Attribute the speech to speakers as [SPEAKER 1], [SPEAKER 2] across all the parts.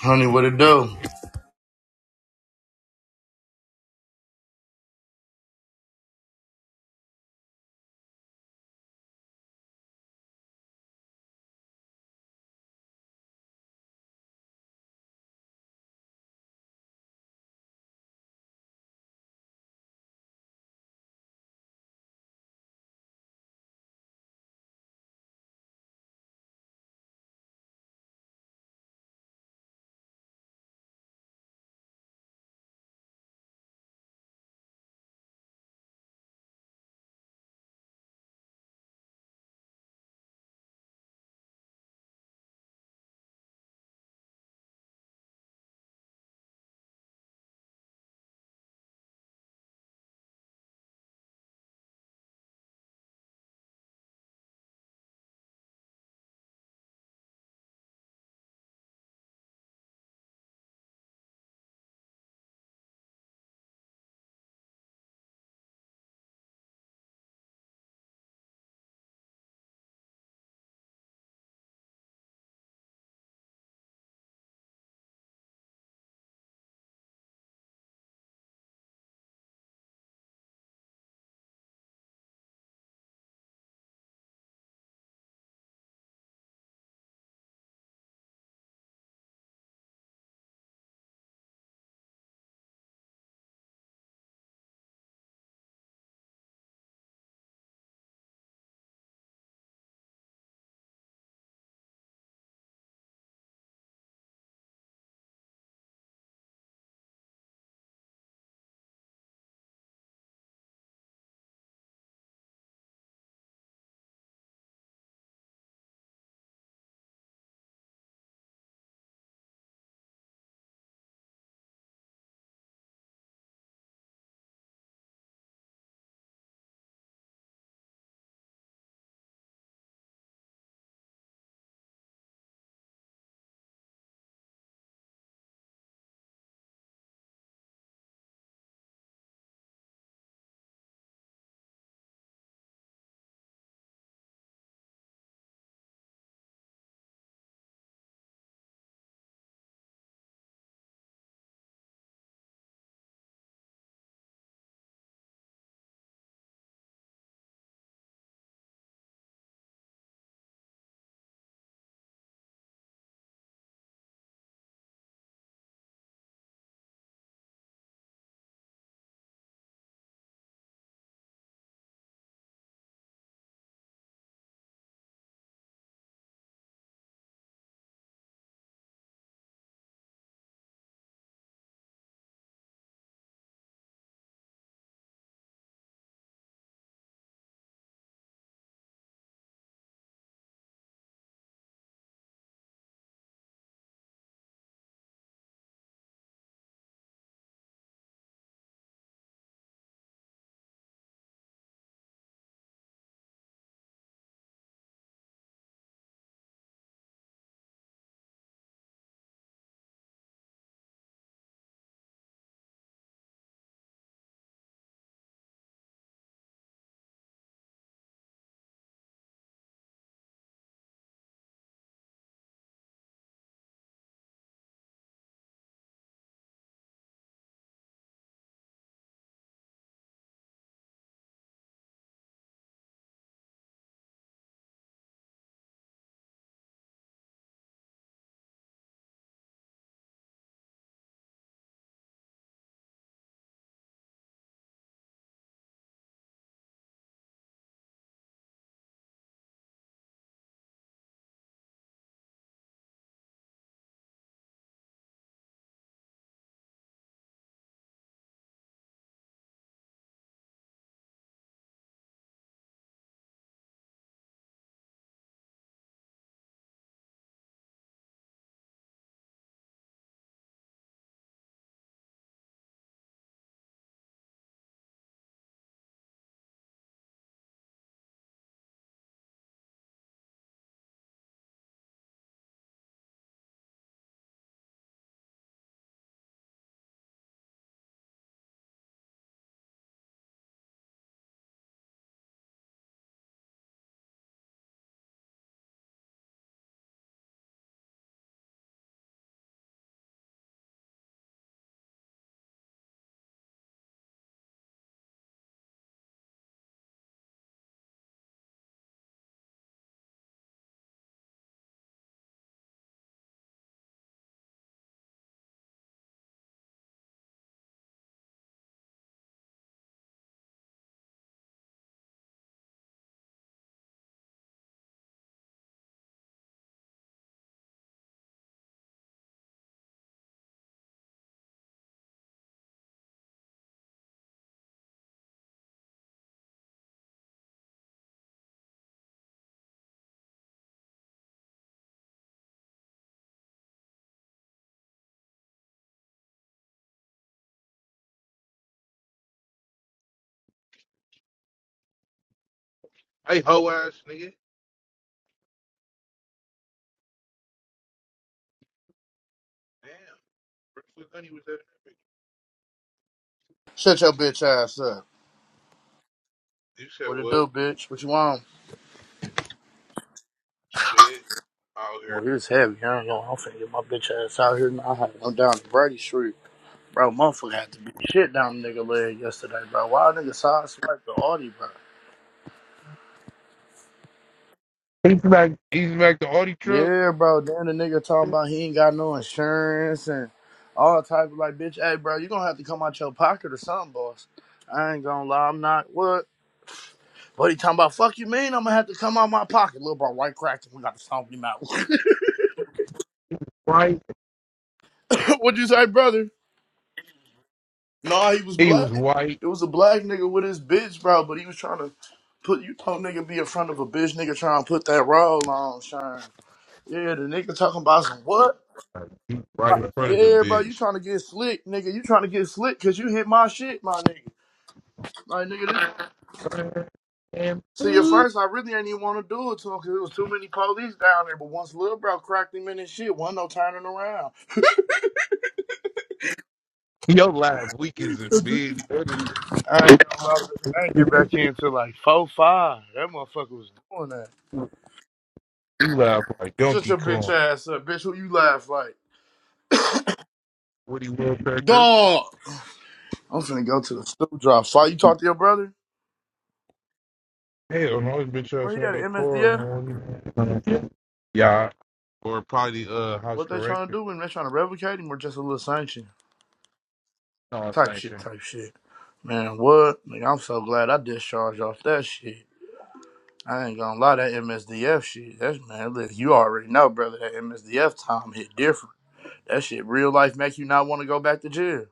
[SPEAKER 1] Honey, what it do?
[SPEAKER 2] Hey, hoe ass nigga. Damn. Brentford Gunny was that epic.
[SPEAKER 1] Shut your bitch ass up.
[SPEAKER 2] You said
[SPEAKER 1] What it
[SPEAKER 2] what?
[SPEAKER 1] do, bitch? What you want?
[SPEAKER 2] Shit. Out here.
[SPEAKER 1] Well, here's heavy, huh? Yo, I'm finna get my bitch ass out here now. I'm down to Brady Street. Bro, motherfucker had to be shit down nigga leg yesterday, bro. Why a nigga side swipe the Audi, bro?
[SPEAKER 2] He's back. He's back the Audi truck.
[SPEAKER 1] Yeah, bro. Then the nigga talking about he ain't got no insurance and all type of like, bitch, hey, bro, you gonna have to come out your pocket or something, boss. I ain't gonna lie, I'm not what? But he talking about fuck you mean I'm gonna have to come out my pocket. Little bro, white cracking, we got to stomp him out.
[SPEAKER 2] Right.
[SPEAKER 1] What'd you say, brother? Nah, he was
[SPEAKER 2] He
[SPEAKER 1] black.
[SPEAKER 2] was white.
[SPEAKER 1] It was a black nigga with his bitch, bro. But he was trying to put you know nigga be in front of a bitch nigga trying to put that roll on, Shine. Yeah, the nigga talking about some what?
[SPEAKER 2] like, he Right
[SPEAKER 1] Like,
[SPEAKER 2] in front of the
[SPEAKER 1] yeah, bro, you
[SPEAKER 2] bitch.
[SPEAKER 1] trying to get slick, nigga. You trying to get slick because you hit my shit, my nigga. Like, nigga, this,
[SPEAKER 2] Uh, And
[SPEAKER 1] see, at first, I really ain't even want to do it to him because it was too many police down there. But once Lil Bro cracked him in his shit, wasn't no turning around.
[SPEAKER 2] yo laugh weak as a bitch. That is-
[SPEAKER 1] I ain't, gonna lie, I ain't get back in until like 4 5. That motherfucker was doing that.
[SPEAKER 2] He laugh like
[SPEAKER 1] Shut
[SPEAKER 2] Donkey
[SPEAKER 1] your bitch
[SPEAKER 2] Kong.
[SPEAKER 1] ass up, bitch. Who you laugh like?
[SPEAKER 2] Woody Woodpecker.
[SPEAKER 1] Dog. I'm finna go to the stool drop. Fight. You talk to your brother?
[SPEAKER 2] Hell no, this bitch
[SPEAKER 1] Where
[SPEAKER 2] ass
[SPEAKER 1] he
[SPEAKER 2] ain't
[SPEAKER 1] at?
[SPEAKER 2] that car. I
[SPEAKER 1] MSDF?
[SPEAKER 2] want you. Yeah. Or probably uh house
[SPEAKER 1] What they trying to
[SPEAKER 2] correction.
[SPEAKER 1] do? And they trying to revocate him or just a little sanction?
[SPEAKER 2] No, it's
[SPEAKER 1] Type
[SPEAKER 2] ain't
[SPEAKER 1] shit,
[SPEAKER 2] shit.
[SPEAKER 1] type shit. Man, what? Nigga, I'm so glad I discharged off that shit. I ain't gonna lie, that MSDF shit. That's man, look, you already know, brother. That MSDF time hit different. That shit, real life, make you not want to go back to jail.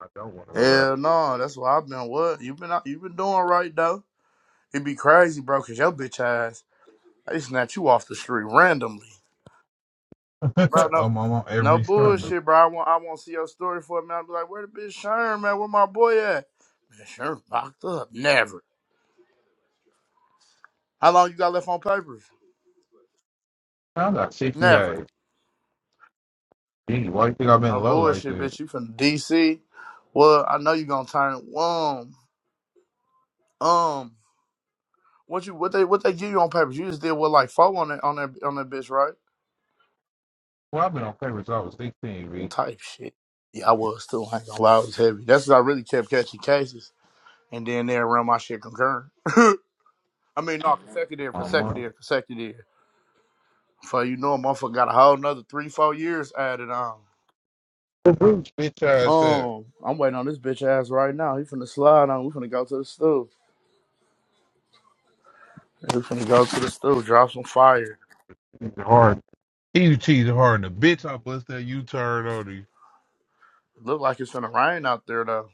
[SPEAKER 2] I don't want to go back.
[SPEAKER 1] Hell no, that's why I've been. What you been? out You been doing right though. It'd be crazy, bro, cause your bitch ass. They snatch you off the street randomly. Bro,
[SPEAKER 2] I'm,
[SPEAKER 1] no
[SPEAKER 2] I'm on
[SPEAKER 1] no
[SPEAKER 2] every summer.
[SPEAKER 1] bullshit, bro. I want I want to see your story for a minute. i be like, where the bitch Sherm at? Where my boy at? Man, Sherm locked up. Never. How long you got left on papers?
[SPEAKER 2] I got 60
[SPEAKER 1] Never.
[SPEAKER 2] days. Gee, why you think I've been
[SPEAKER 1] No
[SPEAKER 2] low like
[SPEAKER 1] bullshit,
[SPEAKER 2] that?
[SPEAKER 1] bitch. You from DC? Well, I know you gonna turn um um what you what they what they give you on papers? You just did what like four on that on that on that bitch, right?
[SPEAKER 2] Well, I've been on paper since I was 16, B.
[SPEAKER 1] Type shit. Yeah, I was too. I ain't gonna lie, I was heavy. That's what I really kept catching cases. And then they run my shit concurrent. I mean, no, consecutive,
[SPEAKER 2] My mom.
[SPEAKER 1] consecutive, consecutive. For you know, a motherfucker got a whole nother three, four years added on.
[SPEAKER 2] Bitch ass ass.
[SPEAKER 1] Um, I'm waiting on this bitch ass right now. He finna slide on. We finna go to the stool. We finna go to the stool. Drop some fire.
[SPEAKER 2] It's hard. You cheated hard in the bitch. I bust that U-turn on you. It's
[SPEAKER 1] Look like it's finna rain out there though.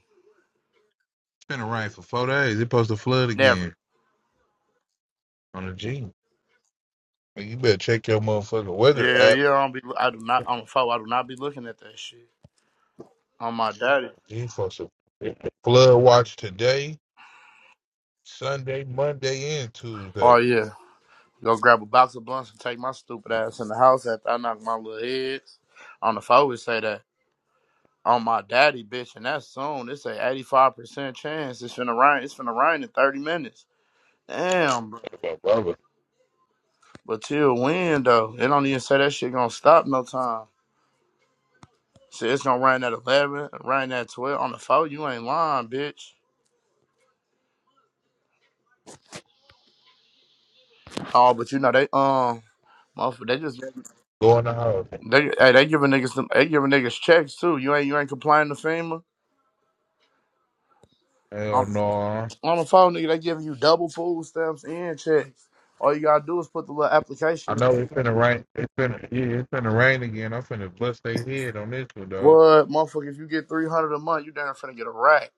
[SPEAKER 2] been a rain for four days. It's supposed to flood again
[SPEAKER 1] Never.
[SPEAKER 2] on the G. Man, You better check your motherfucking weather
[SPEAKER 1] Yeah,
[SPEAKER 2] app.
[SPEAKER 1] yeah. I don't be. I do not. I'm a foe. I do not be looking at that shit. On my daddy.
[SPEAKER 2] G supposed to flood watch today, Sunday, Monday, and
[SPEAKER 1] Oh
[SPEAKER 2] Tuesday.
[SPEAKER 1] yeah. Go grab a box of blunts and take my stupid ass in the house after I knock my little heads. On the phone, we say that. on my daddy, bitch, and that's soon. It's a eighty-five percent chance. It's finna rain. It's finna rain in thirty minutes. Damn, bro.
[SPEAKER 2] Brother,
[SPEAKER 1] But till when though? It don't even say that shit gonna stop no time. Shit, it's gonna rain at eleven, rain at twelve on the phone. You ain't lying, bitch. Oh, but you know they um, motherfucker, they just
[SPEAKER 2] go in the house.
[SPEAKER 1] they hey, they giving niggas them- they giving niggas checks too. You ain't you ain't complaining to FEMA. On
[SPEAKER 2] Hell no.
[SPEAKER 1] on the phone, nigga, they giving you double food stamps and checks. All you gotta do is put the little
[SPEAKER 2] I
[SPEAKER 1] application in.
[SPEAKER 2] know it's finna rain. It's finna yeah, it's finna rain again. I'm finna bust their head on this one though.
[SPEAKER 1] What motherfucker? If you get three hundred a month, you damn finna get a rack.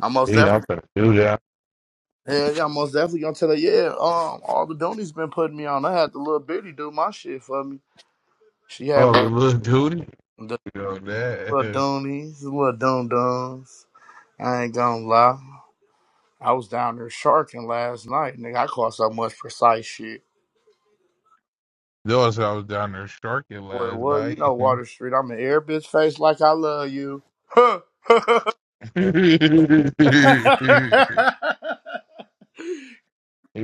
[SPEAKER 1] I most
[SPEAKER 2] Yeah, I'm
[SPEAKER 1] definitely,
[SPEAKER 2] finna do that.
[SPEAKER 1] yeah, yeah, I most definitely gonna tell her, yeah. Um, all the donies been putting me on. I had the little bitty do my shit for me. She had
[SPEAKER 2] Oh, the
[SPEAKER 1] one
[SPEAKER 2] little duty.
[SPEAKER 1] of the
[SPEAKER 2] You know
[SPEAKER 1] little
[SPEAKER 2] that.
[SPEAKER 1] donies, the little dum dums. I ain't gonna lie. I was down there sharking last night, nigga. I caught so much precise shit.
[SPEAKER 2] Those I was down there sharking
[SPEAKER 1] Boy,
[SPEAKER 2] last
[SPEAKER 1] well, you
[SPEAKER 2] night.
[SPEAKER 1] know Water Street. I'm an air bitch face like I love you. Huh.
[SPEAKER 2] he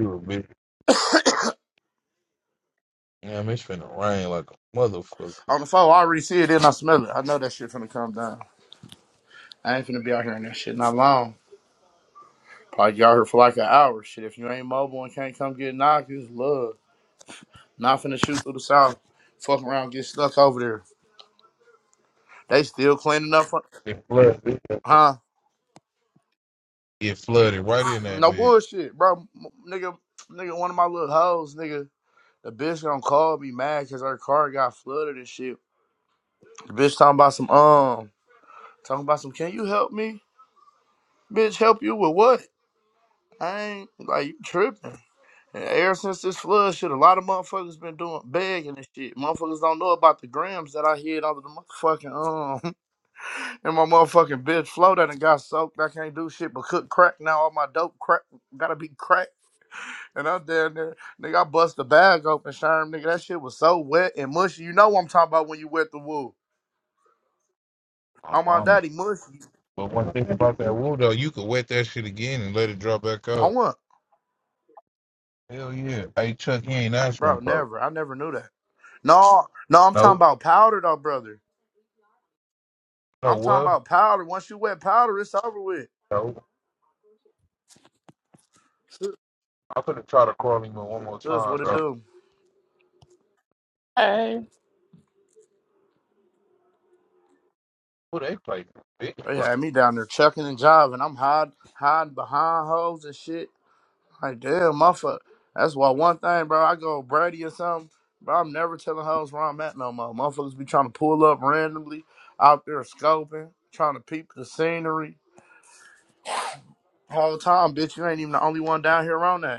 [SPEAKER 2] was big. Damn, it's finna rain like a motherfucker.
[SPEAKER 1] on the phone, I already see it and I smell it. I know that shit finna come down. I ain't finna be out here in that shit not long. Probably be out here for like an hour. Shit, if you ain't mobile and can't come get knocked, it's love. Not finna shoot through the south. Fuck around, get stuck over there. They still cleaning up. For,
[SPEAKER 2] It flooded.
[SPEAKER 1] huh?
[SPEAKER 2] It flooded right in that
[SPEAKER 1] No
[SPEAKER 2] bit.
[SPEAKER 1] bullshit, bro. M- nigga, nigga, one of my little hoes, nigga. The bitch gonna call me mad because her car got flooded and shit. The bitch talking about some, um, talking about some, can you help me? Bitch, help you with what? I ain't, like, you tripping. And ever since this flood shit, a lot of motherfuckers been doing begging and shit. Motherfuckers don't know about the grams that I hid under the motherfucking um and my motherfucking bitch flow that and got soaked. I can't do shit but cook crack now. All my dope crack gotta be crack. And I'm down there, nigga. I bust the bag open, Sherm, nigga. That shit was so wet and mushy. You know what I'm talking about when you wet the wool.
[SPEAKER 2] My
[SPEAKER 1] I'm my
[SPEAKER 2] mama.
[SPEAKER 1] daddy mushy.
[SPEAKER 2] But one thing about that wool though, you could wet that shit again and let it drop back
[SPEAKER 1] I
[SPEAKER 2] up.
[SPEAKER 1] want,
[SPEAKER 2] Hell yeah. Hey Chuck, he ain't answering
[SPEAKER 1] bro.
[SPEAKER 2] folks.
[SPEAKER 1] Never. I never knew that. No, no. I'm
[SPEAKER 2] Nope.
[SPEAKER 1] talking about powder though, brother.
[SPEAKER 2] know
[SPEAKER 1] I'm talking
[SPEAKER 2] what?
[SPEAKER 1] about powder. Once you wet powder, it's over with.
[SPEAKER 2] No, I'm gonna try to call him one more
[SPEAKER 1] That's
[SPEAKER 2] time,
[SPEAKER 1] what it
[SPEAKER 2] bro.
[SPEAKER 1] do.
[SPEAKER 3] hey
[SPEAKER 2] Who they play? Big.
[SPEAKER 1] They
[SPEAKER 2] one.
[SPEAKER 1] had me down there chucking and jiving. I'm hide, hiding behind hoes and shit. Like, damn, motherfucker. That's why one thing, bro, I go Brady or something, bro, I'm never telling hoes where I'm at no more. Motherfuckers be trying to pull up randomly out there scoping, trying to peep the scenery. Whole time, bitch, you ain't even the only one down here on that.